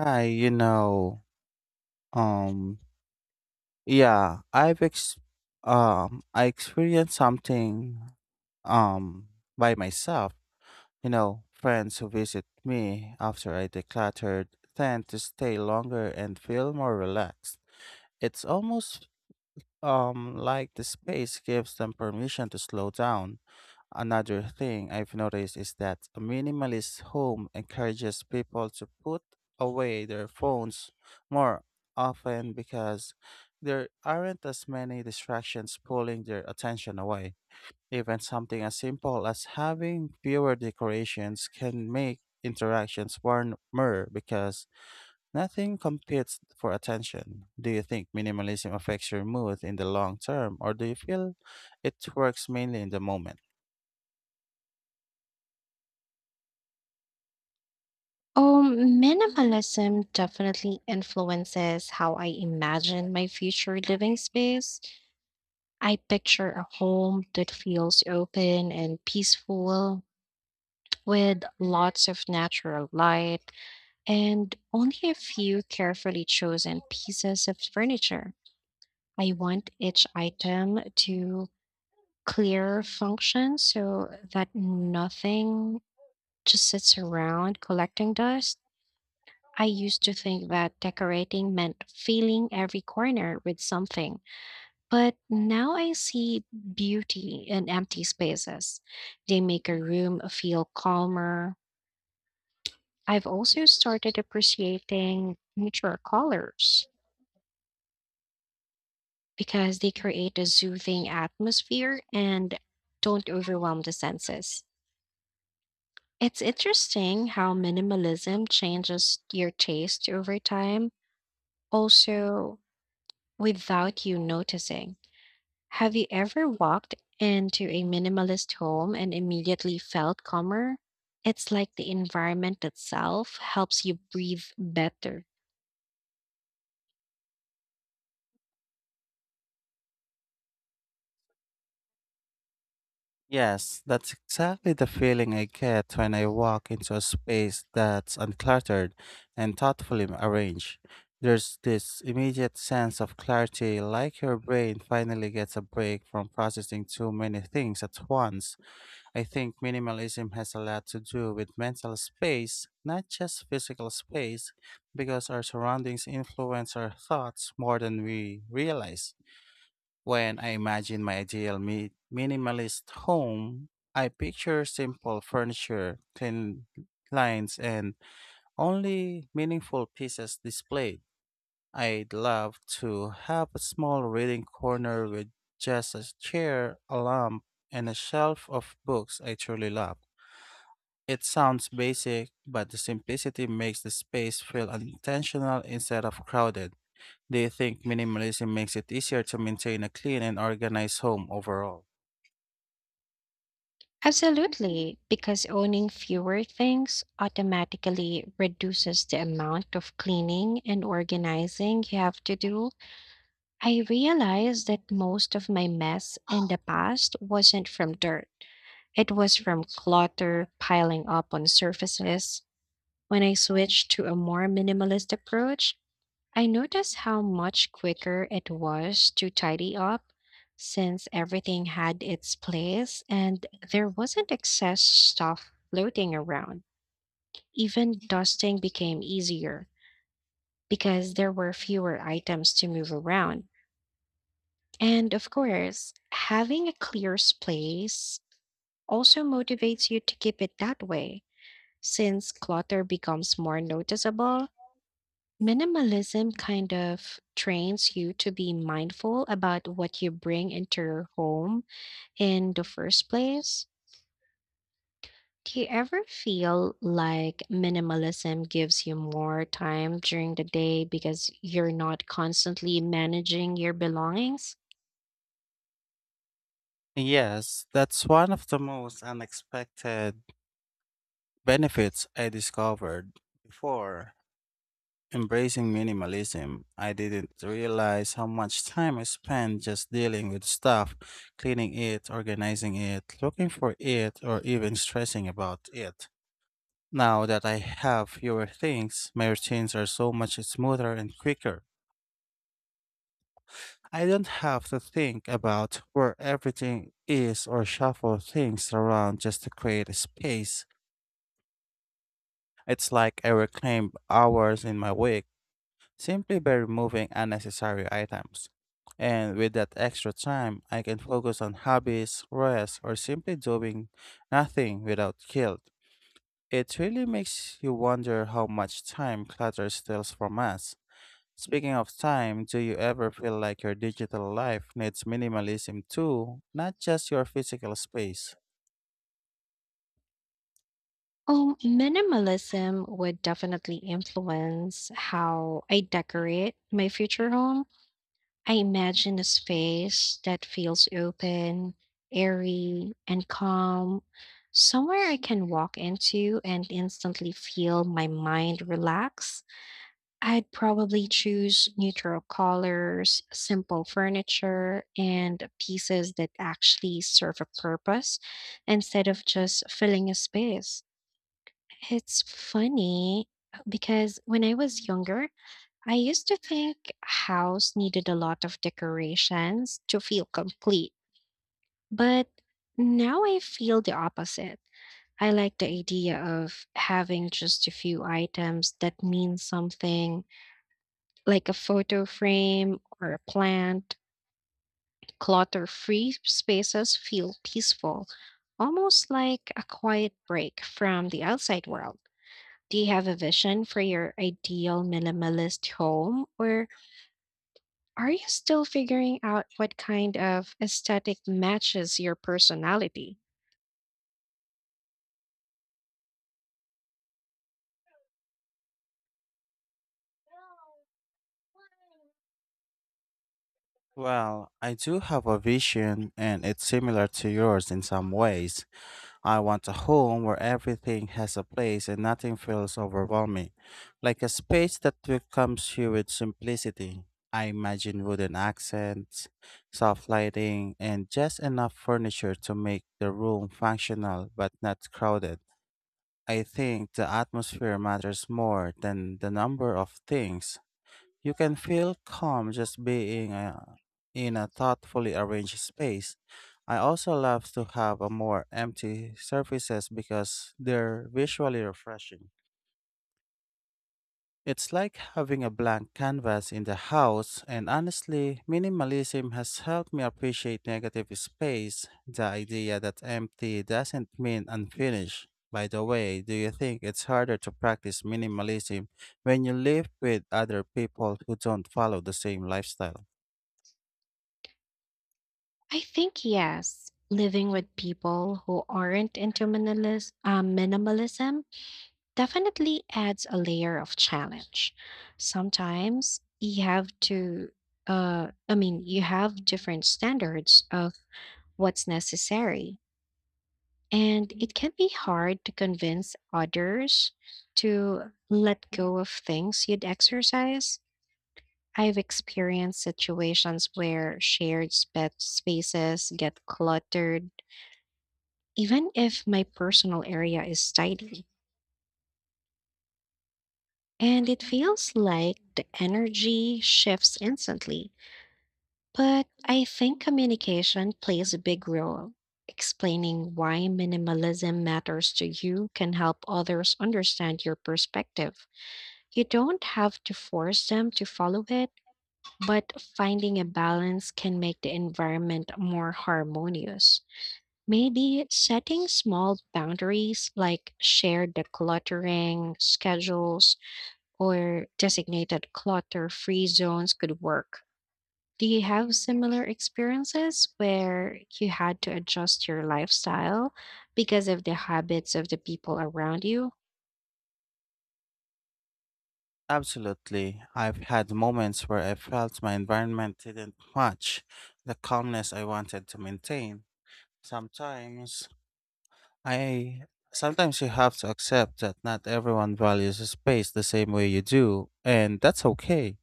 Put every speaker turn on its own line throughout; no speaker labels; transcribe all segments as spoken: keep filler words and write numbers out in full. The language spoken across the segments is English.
Hi, you know, um, yeah, I've ex- um, I experienced something, um, by myself. You know, friends who visit me after I decluttered tend to stay longer and feel more relaxed. It's almost, um, like the space gives them permission to slow down. Another thing I've noticed is that a minimalist home encourages people to put away their phones more often because there aren't as many distractions pulling their attention away. Even something as simple as having fewer decorations can make interactions warmer because nothing competes for attention. Do you think minimalism affects your mood in the long term, or do you feel it works mainly in the moment?
Um, Minimalism definitely influences how I imagine my future living space. I picture a home that feels open and peaceful with lots of natural light and only a few carefully chosen pieces of furniture. I want each item to clear function so that nothing just sits around collecting dust. I used to think that decorating meant filling every corner with something, but now I see beauty in empty spaces. They make a room feel calmer. I've also started appreciating neutral colors because they create a soothing atmosphere and don't overwhelm the senses. It's interesting how minimalism changes your taste over time, also without you noticing. Have you ever walked into a minimalist home and immediately felt calmer? It's like the environment itself helps you breathe better.
Yes, that's exactly the feeling I get when I walk into a space that's uncluttered and thoughtfully arranged. There's this immediate sense of clarity, like your brain finally gets a break from processing too many things at once. I think minimalism has a lot to do with mental space, not just physical space, because our surroundings influence our thoughts more than we realize. When I imagine my ideal mi- minimalist home, I picture simple furniture, clean lines, and only meaningful pieces displayed. I'd love to have a small reading corner with just a chair, a lamp, and a shelf of books I truly love. It sounds basic, but the simplicity makes the space feel intentional instead of crowded. Do you think minimalism makes it easier to maintain a clean and organized home overall?
Absolutely, because owning fewer things automatically reduces the amount of cleaning and organizing you have to do. I realized that most of my mess in the past wasn't from dirt, it was from clutter piling up on surfaces. When I switched to a more minimalist approach, I noticed how much quicker it was to tidy up since everything had its place and there wasn't excess stuff floating around. Even dusting became easier because there were fewer items to move around. And of course, having a clear space also motivates you to keep it that way since clutter becomes more noticeable. Minimalism kind of trains you to be mindful about what you bring into your home in the first place. Do you ever feel like minimalism gives you more time during the day because you're not constantly managing your belongings?
Yes, that's one of the most unexpected benefits I discovered before embracing minimalism. I didn't realize how much time I spent just dealing with stuff, cleaning it, organizing it, looking for it, or even stressing about it. Now that I have fewer things, my routines are so much smoother and quicker. I don't have to think about where everything is or shuffle things around just to create a space. It's like I reclaim hours in my week simply by removing unnecessary items. And with that extra time, I can focus on hobbies, rest, or simply doing nothing without guilt. It really makes you wonder how much time clutter steals from us. Speaking of time, do you ever feel like your digital life needs minimalism too, not just your physical space?
Oh, minimalism would definitely influence how I decorate my future home. I imagine a space that feels open, airy, and calm, somewhere I can walk into and instantly feel my mind relax. I'd probably choose neutral colors, simple furniture, and pieces that actually serve a purpose instead of just filling a space. It's funny because when I was younger, I used to think a house needed a lot of decorations to feel complete, but now I feel the opposite. I like the idea of having just a few items that mean something, like a photo frame or a plant. Clutter free spaces feel peaceful, almost like a quiet break from the outside world. Do you have a vision for your ideal minimalist home, or are you still figuring out what kind of aesthetic matches your personality?
Well, I do have a vision, and it's similar to yours in some ways. I want a home where everything has a place and nothing feels overwhelming, like a space that welcomes you with simplicity. I imagine wooden accents, soft lighting, and just enough furniture to make the room functional but not crowded. I think the atmosphere matters more than the number of things. You can feel calm just being uh, in a thoughtfully arranged space. I also love to have a more empty surfaces because they're visually refreshing. It's like having a blank canvas in the house, and honestly, minimalism has helped me appreciate negative space, the idea that empty doesn't mean unfinished. By the way, do you think it's harder to practice minimalism when you live with other people who don't follow the same lifestyle?
I think yes. Living with people who aren't into minimalis- uh, minimalism definitely adds a layer of challenge. Sometimes you have to, uh, I mean, you have different standards of what's necessary. And it can be hard to convince others to let go of things you'd exercise. I've experienced situations where shared spa- spaces get cluttered, even if my personal area is tidy. And it feels like the energy shifts instantly. But I think communication plays a big role. Explaining why minimalism matters to you can help others understand your perspective. You don't have to force them to follow it, but finding a balance can make the environment more harmonious. Maybe setting small boundaries like shared decluttering schedules or designated clutter free zones could work. Do you have similar experiences where you had to adjust your lifestyle because of the habits of the people around you?
Absolutely. I've had moments where I felt my environment didn't match the calmness I wanted to maintain. Sometimes I Sometimes you have to accept that not everyone values a space the same way you do, and that's okay.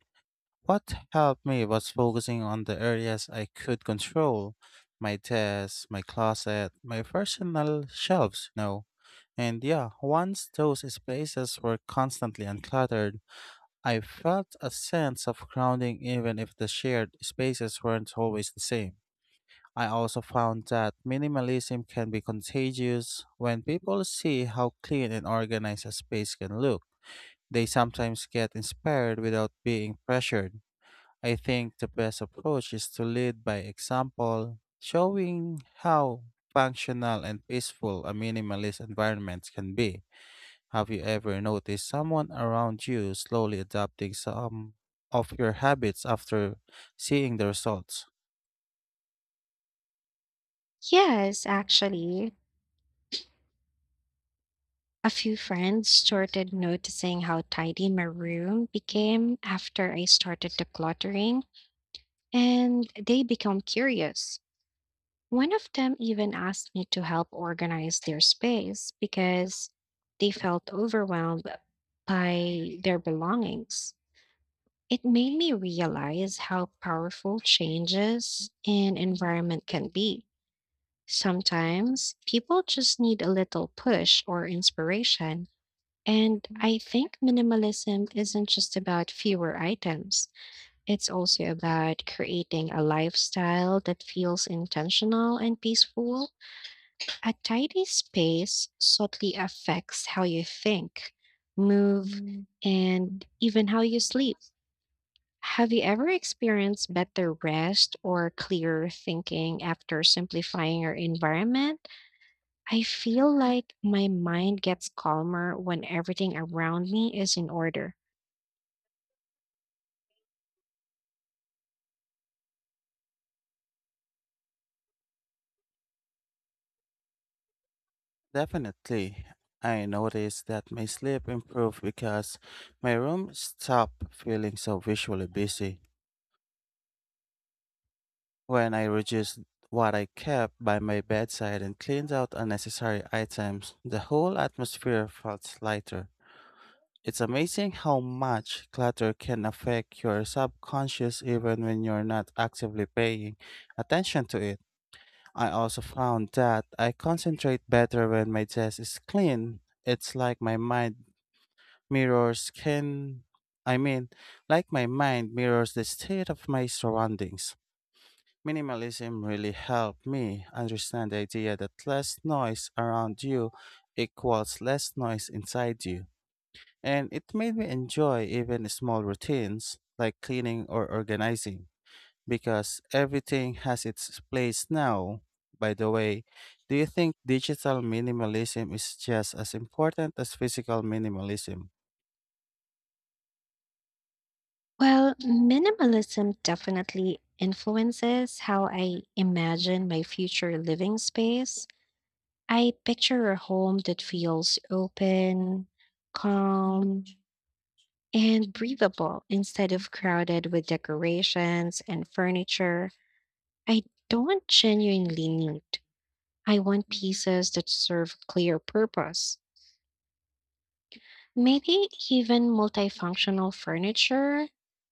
What helped me was focusing on the areas I could control my desk, my closet, my personal shelves, you know. And yeah, once those spaces were constantly uncluttered, I felt a sense of grounding even if the shared spaces weren't always the same. I also found that minimalism can be contagious when people see how clean and organized a space can look. They sometimes get inspired without being pressured. I think the best approach is to lead by example, showing how functional and peaceful a minimalist environment can be. Have you ever noticed someone around you slowly adopting some of your habits after seeing the results?
Yes, actually. A few friends started noticing how tidy my room became after I started decluttering, and they became curious. One of them even asked me to help organize their space because they felt overwhelmed by their belongings. It made me realize how powerful changes in environment can be. Sometimes people just need a little push or inspiration, and I think minimalism isn't just about fewer items, it's also about creating a lifestyle that feels intentional and peaceful. A tidy space subtly affects how you think, move, Mm. and even how you sleep. Have you ever experienced better rest or clearer thinking after simplifying your environment? I feel like my mind gets calmer when everything around me is in order.
Definitely. I noticed that my sleep improved because my room stopped feeling so visually busy. When I reduced what I kept by my bedside and cleaned out unnecessary items, the whole atmosphere felt lighter. It's amazing how much clutter can affect your subconscious even when you're not actively paying attention to it. I also found that I concentrate better when my desk is clean. It's like my mind Mirrors can, I mean, like my mind mirrors the state of my surroundings. Minimalism really helped me understand the idea that less noise around you equals less noise inside you. And it made me enjoy even small routines like cleaning or organizing because everything has its place now. By the way, do you think digital minimalism is just as important as physical minimalism?
Well, minimalism definitely influences how I imagine my future living space. I picture a home that feels open, calm, and breathable instead of crowded with decorations and furniture I don't genuinely need. I want pieces that serve clear purpose. Maybe even multifunctional furniture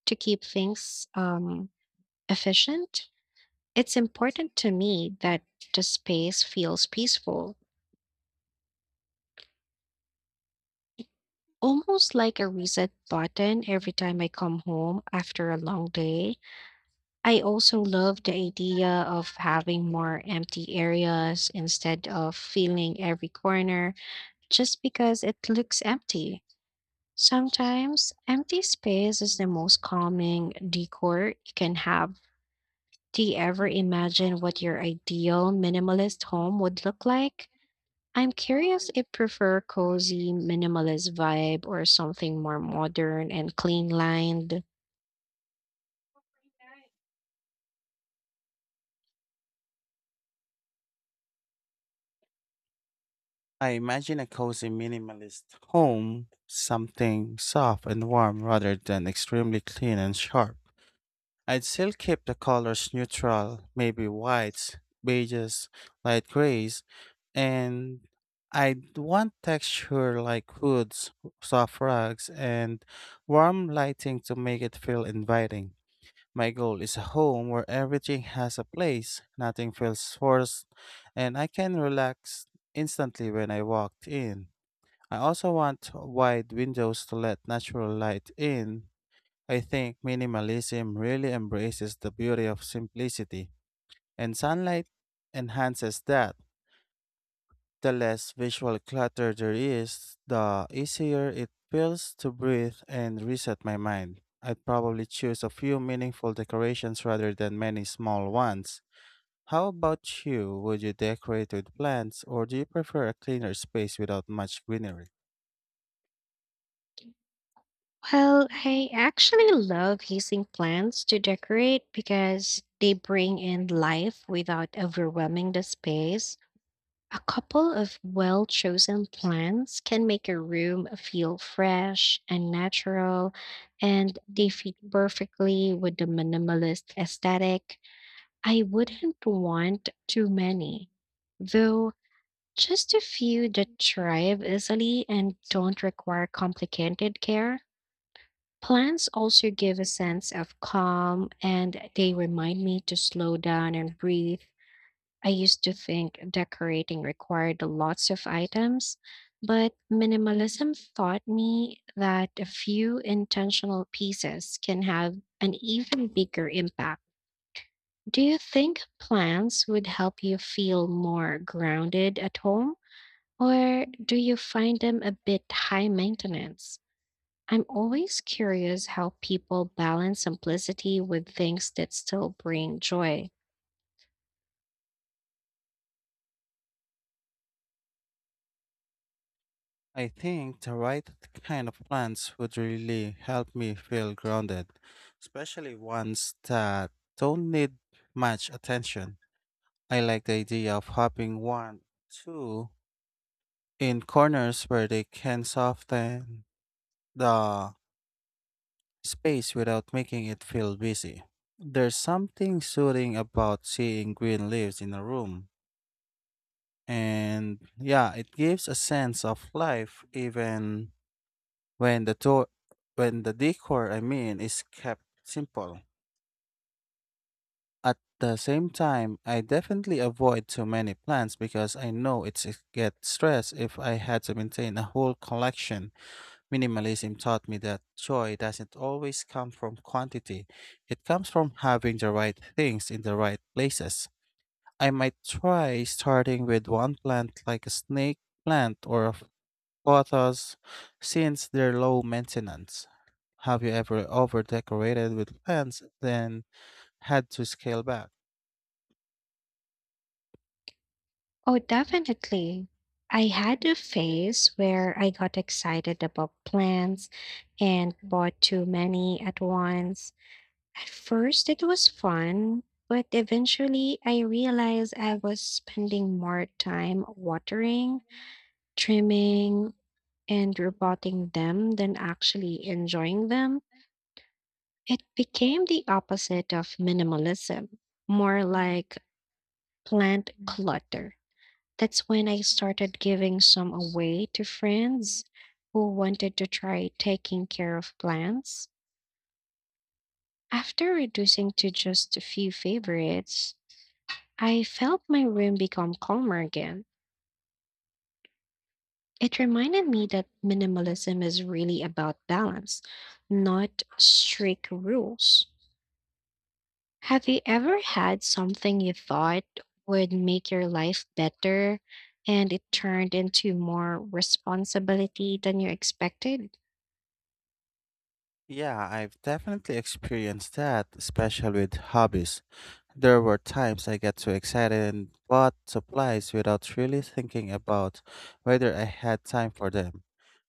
to keep things um, efficient. It's important to me that the space feels peaceful, almost like a reset button every time I come home after a long day. I also love the idea of having more empty areas instead of filling every corner just because it looks empty. Sometimes empty space is the most calming decor you can have. Do you ever imagine what your ideal minimalist home would look like? I'm curious if prefer cozy minimalist vibe or something more modern and clean lined.
I imagine a cozy minimalist home, something soft and warm rather than extremely clean and sharp. I'd still keep the colors neutral, maybe whites, beiges, light grays, and I'd want texture like woods, soft rugs, and warm lighting to make it feel inviting. My goal is a home where everything has a place, nothing feels forced, and I can relax instantly when I walked in. I also want wide windows to let natural light in. I think minimalism really embraces the beauty of simplicity, and sunlight enhances that. The less visual clutter there is, the easier it feels to breathe and reset my mind. I'd probably choose a few meaningful decorations rather than many small ones. How about you? Would you decorate with plants or do you prefer a cleaner space without much greenery?
Well, I actually love using plants to decorate because they bring in life without overwhelming the space. A couple of well chosen plants can make a room feel fresh and natural, and they fit perfectly with the minimalist aesthetic. I wouldn't want too many though. Just a few that thrive easily and don't require complicated care. Plants also give a sense of calm and they remind me to slow down and breathe. I used to think decorating required lots of items, but minimalism taught me that a few intentional pieces can have an even bigger impact. Do you think plants would help you feel more grounded at home? Or do you find them a bit high maintenance? I'm always curious how people balance simplicity with things that still bring joy.
I think the right kind of plants would really help me feel grounded, especially ones that don't need much attention. I like the idea of hopping one, two in corners where they can soften the space without making it feel busy. There's something soothing about seeing green leaves in a room. And yeah, it gives a sense of life even when the to- when the decor I mean is kept simple. At the same time, I definitely avoid too many plants because I know it's it get stress if I had to maintain a whole collection. Minimalism taught me that joy doesn't always come from quantity. It comes from having the right things in the right places. I might try starting with one plant like a snake plant or a pothos since they're low maintenance. Have you ever over decorated with plants then had to scale back?
Oh, definitely. I had a phase where I got excited about plants and bought too many at once. At first, it was fun, but eventually I realized I was spending more time watering, trimming, and rebutting them than actually enjoying them. It became the opposite of minimalism, more like plant clutter. That's when I started giving some away to friends who wanted to try taking care of plants. After reducing to just a few favorites, I felt my room become calmer again. It reminded me that minimalism is really about balance, not strict rules. Have you ever had something you thought would make your life better and it turned into more responsibility than you expected?
Yeah, I've definitely experienced that, especially with hobbies. There were times I got too excited and bought supplies without really thinking about whether I had time for them.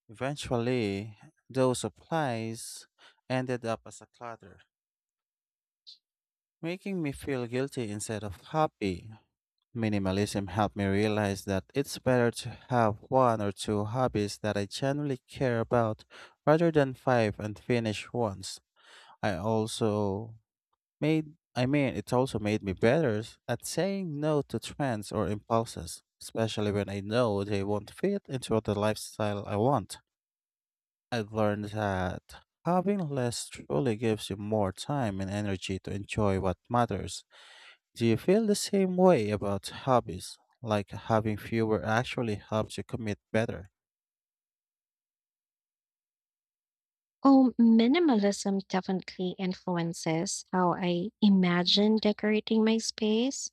Eventually, those supplies ended up as a clutter, making me feel guilty instead of happy. Minimalism helped me realize that it's better to have one or two hobbies that I genuinely care about rather than five unfinished ones. I also Made I mean, it's also made me better s- at saying no to trends or impulses, especially when I know they won't fit into the lifestyle I want. I've learned that having less truly gives you more time and energy to enjoy what matters. Do you feel the same way about hobbies? Like having fewer actually helps you commit better?
Oh, minimalism definitely influences how I imagine decorating my space.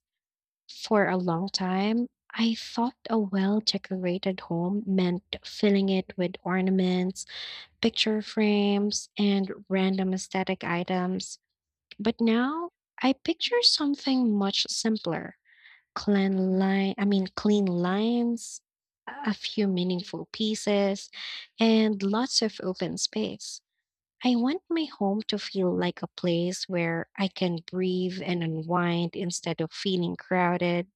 For a long time, I thought a well decorated home meant filling it with ornaments, picture frames, and random aesthetic items. But now I picture something much simpler. Clean line, I mean clean lines, a few meaningful pieces, and lots of open space. I want my home to feel like a place where I can breathe and unwind instead of feeling crowded.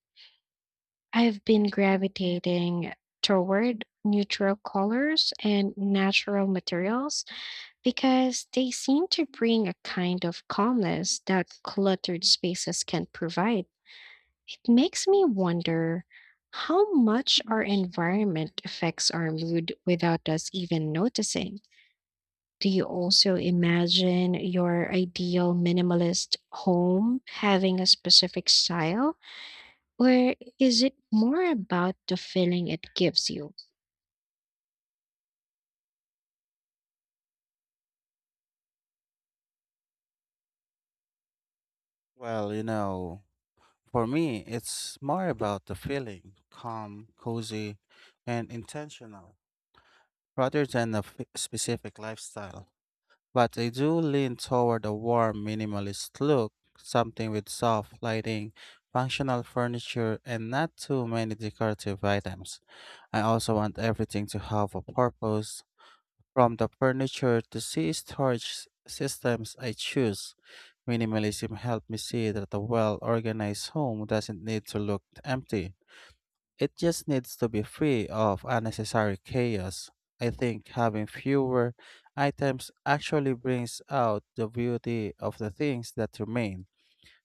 I've been gravitating toward neutral colors and natural materials because they seem to bring a kind of calmness that cluttered spaces can't provide. It makes me wonder how much our environment affects our mood without us even noticing. Do you also imagine your ideal minimalist home having a specific style, or is it more about the feeling it gives you?
Well, you know, for me, it's more about the feeling calm, cozy, and intentional, rather than a fi- specific lifestyle. But I do lean toward a warm minimalist look, something with soft lighting, functional furniture, and not too many decorative items. I also want everything to have a purpose, from the furniture to see storage s- systems I choose. Minimalism helped me see that a well organized home doesn't need to look empty. It just needs to be free of unnecessary chaos. I think having fewer items actually brings out the beauty of the things that remain.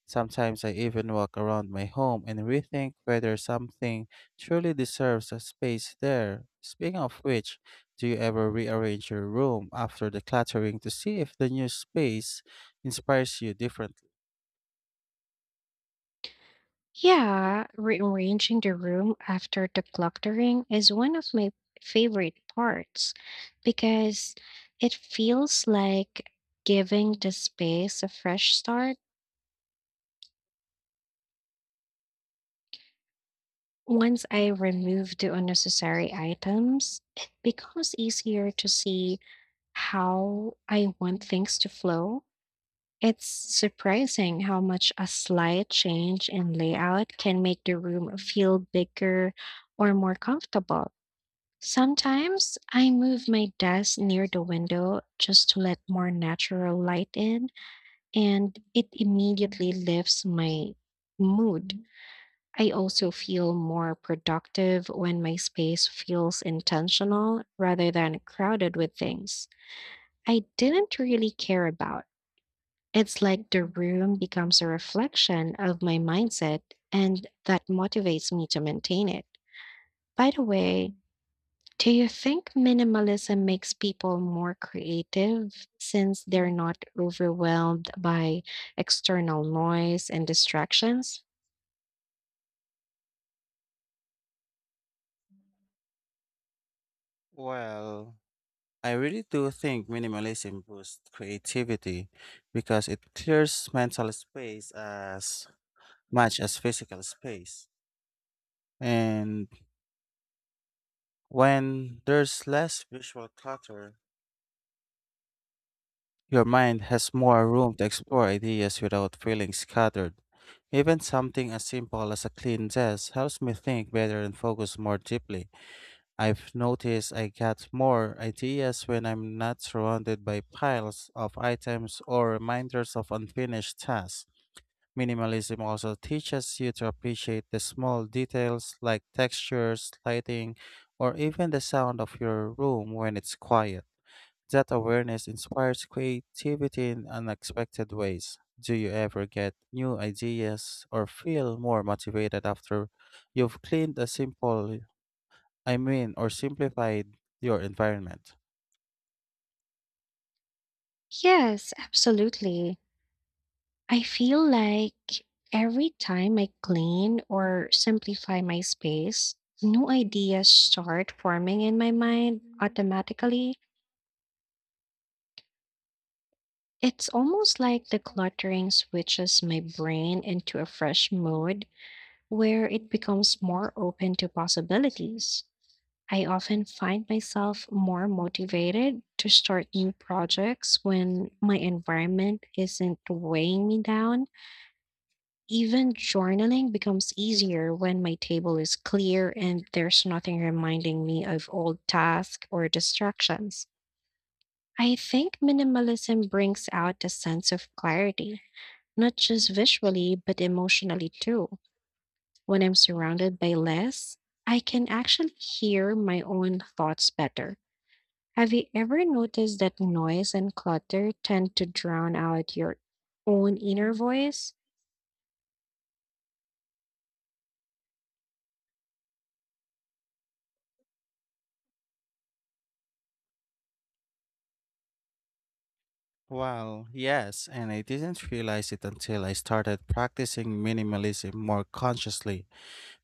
Sometimes I even walk around my home and rethink whether something truly deserves a space there. Speaking of which, do you ever rearrange your room after decluttering to see if the new space inspires you differently?
Yeah, rearranging the room after decluttering is one of my favorite parts because it feels like giving the space a fresh start. Once I remove the unnecessary items, it becomes easier to see how I want things to flow. It's surprising how much a slight change in layout can make the room feel bigger or more comfortable. Sometimes I move my desk near the window just to let more natural light in, and it immediately lifts my mood. I also feel more productive when my space feels intentional rather than crowded with things I didn't really care about. It's like the room becomes a reflection of my mindset, and that motivates me to maintain it. By the way, do you think minimalism makes people more creative since they're not overwhelmed by external noise and distractions?
Well, I really do think minimalism boosts creativity because it clears mental space as much as physical space. And when there's less visual clutter, your mind has more room to explore ideas without feeling scattered. Even something as simple as a clean desk helps me think better and focus more deeply. I've noticed I get more ideas when I'm not surrounded by piles of items or reminders of unfinished tasks. Minimalism also teaches you to appreciate the small details like textures, lighting, or even the sound of your room when it's quiet. That awareness inspires creativity in unexpected ways. Do you ever get new ideas or feel more motivated after you've cleaned a simple I mean, or simplified your environment?
Yes, absolutely. I feel like every time I clean or simplify my space, new ideas start forming in my mind automatically. It's almost like the cluttering switches my brain into a fresh mode where it becomes more open to possibilities. I often find myself more motivated to start new projects when my environment isn't weighing me down. Even journaling becomes easier when my table is clear and there's nothing reminding me of old tasks or distractions. I think minimalism brings out a sense of clarity, not just visually, but emotionally too. When I'm surrounded by less, I can actually hear my own thoughts better. Have you ever noticed that noise and clutter tend to drown out your own inner voice?
Well, yes, and I didn't realize it until I started practicing minimalism more consciously.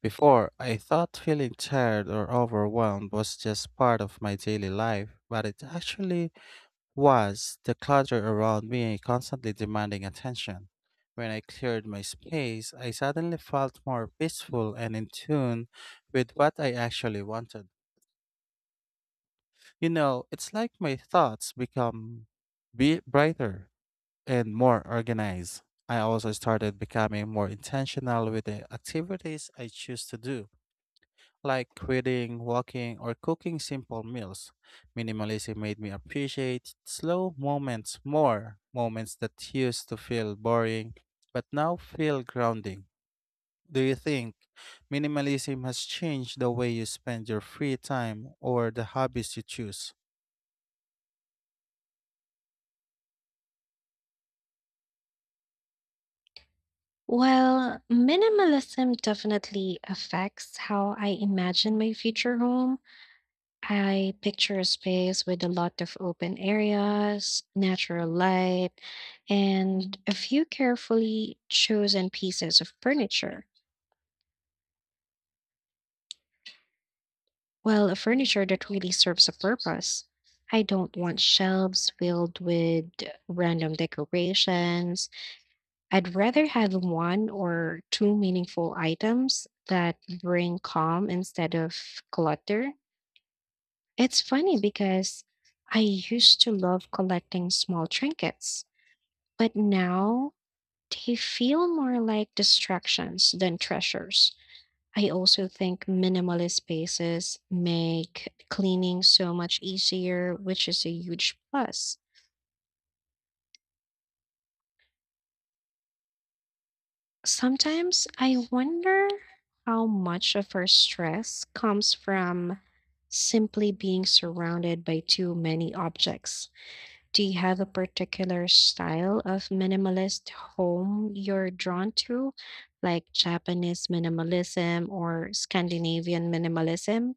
Before, I thought feeling tired or overwhelmed was just part of my daily life, but it actually was the clutter around me constantly demanding attention. When I cleared my space, I suddenly felt more peaceful and in tune with what I actually wanted. You know, it's like my thoughts become be brighter and more organized. I also started becoming more intentional with the activities I choose to do, like reading, walking, or cooking simple meals. Minimalism made me appreciate slow moments more, moments that used to feel boring but now feel grounding. Do you think minimalism has changed the way you spend your free time or the hobbies you choose?
Well, minimalism definitely affects how I imagine my future home. I picture a space with a lot of open areas, natural light, and a few carefully chosen pieces of furniture. Well, a furniture that really serves a purpose. I don't want shelves filled with random decorations. I'd rather have one or two meaningful items that bring calm instead of clutter. It's funny because I used to love collecting small trinkets, but now they feel more like distractions than treasures. I also think minimalist spaces make cleaning so much easier, which is a huge plus. Sometimes I wonder how much of our stress comes from simply being surrounded by too many objects. Do you have a particular style of minimalist home you're drawn to, like Japanese minimalism or Scandinavian minimalism?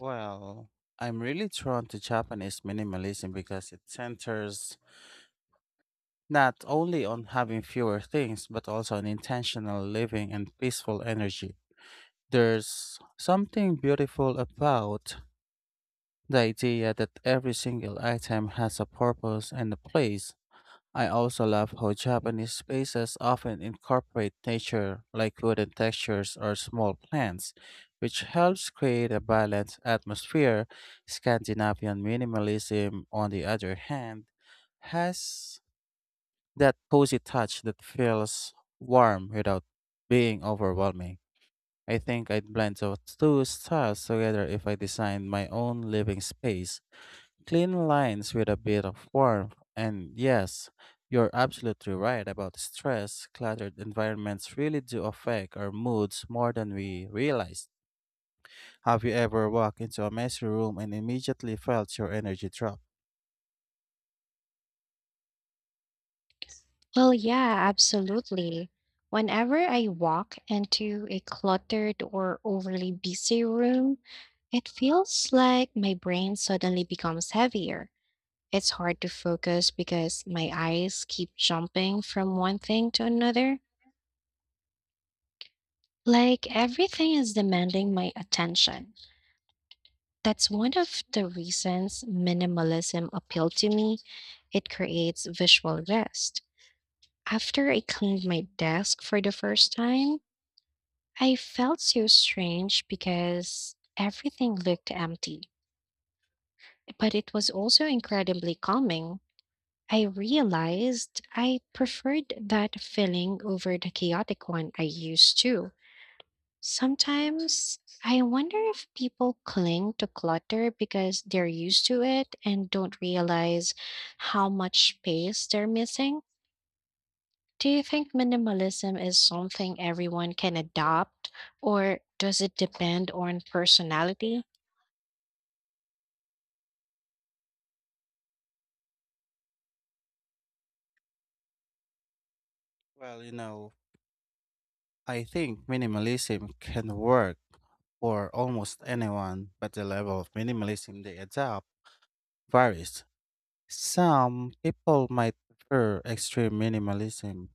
Well, I'm really drawn to Japanese minimalism because it centers not only on having fewer things, but also on intentional living and peaceful energy. There's something beautiful about the idea that every single item has a purpose and a place. I also love how Japanese spaces often incorporate nature, like wooden textures or small plants, which helps create a balanced atmosphere. Scandinavian minimalism, on the other hand, has that cozy touch that feels warm without being overwhelming. I think I'd blend those two styles together if I designed my own living space. Clean lines with a bit of warmth. And yes, you're absolutely right about stress. Cluttered environments really do affect our moods more than we realize. Have you ever walked into a messy room and immediately felt your energy drop?
Well, yeah, absolutely. Whenever I walk into a cluttered or overly busy room, it feels like my brain suddenly becomes heavier. It's hard to focus because my eyes keep jumping from one thing to another, like everything is demanding my attention. That's one of the reasons minimalism appealed to me. It creates visual rest. After I cleaned my desk for the first time, I felt so strange because everything looked empty, but it was also incredibly calming. I realized I preferred that feeling over the chaotic one I used to. Sometimes I wonder if people cling to clutter because they're used to it and don't realize how much space they're missing. Do you think minimalism is something everyone can adopt, or does it depend on personality?
Well, you know, I think minimalism can work for almost anyone, but the level of minimalism they adopt varies. Some people might prefer extreme minimalism,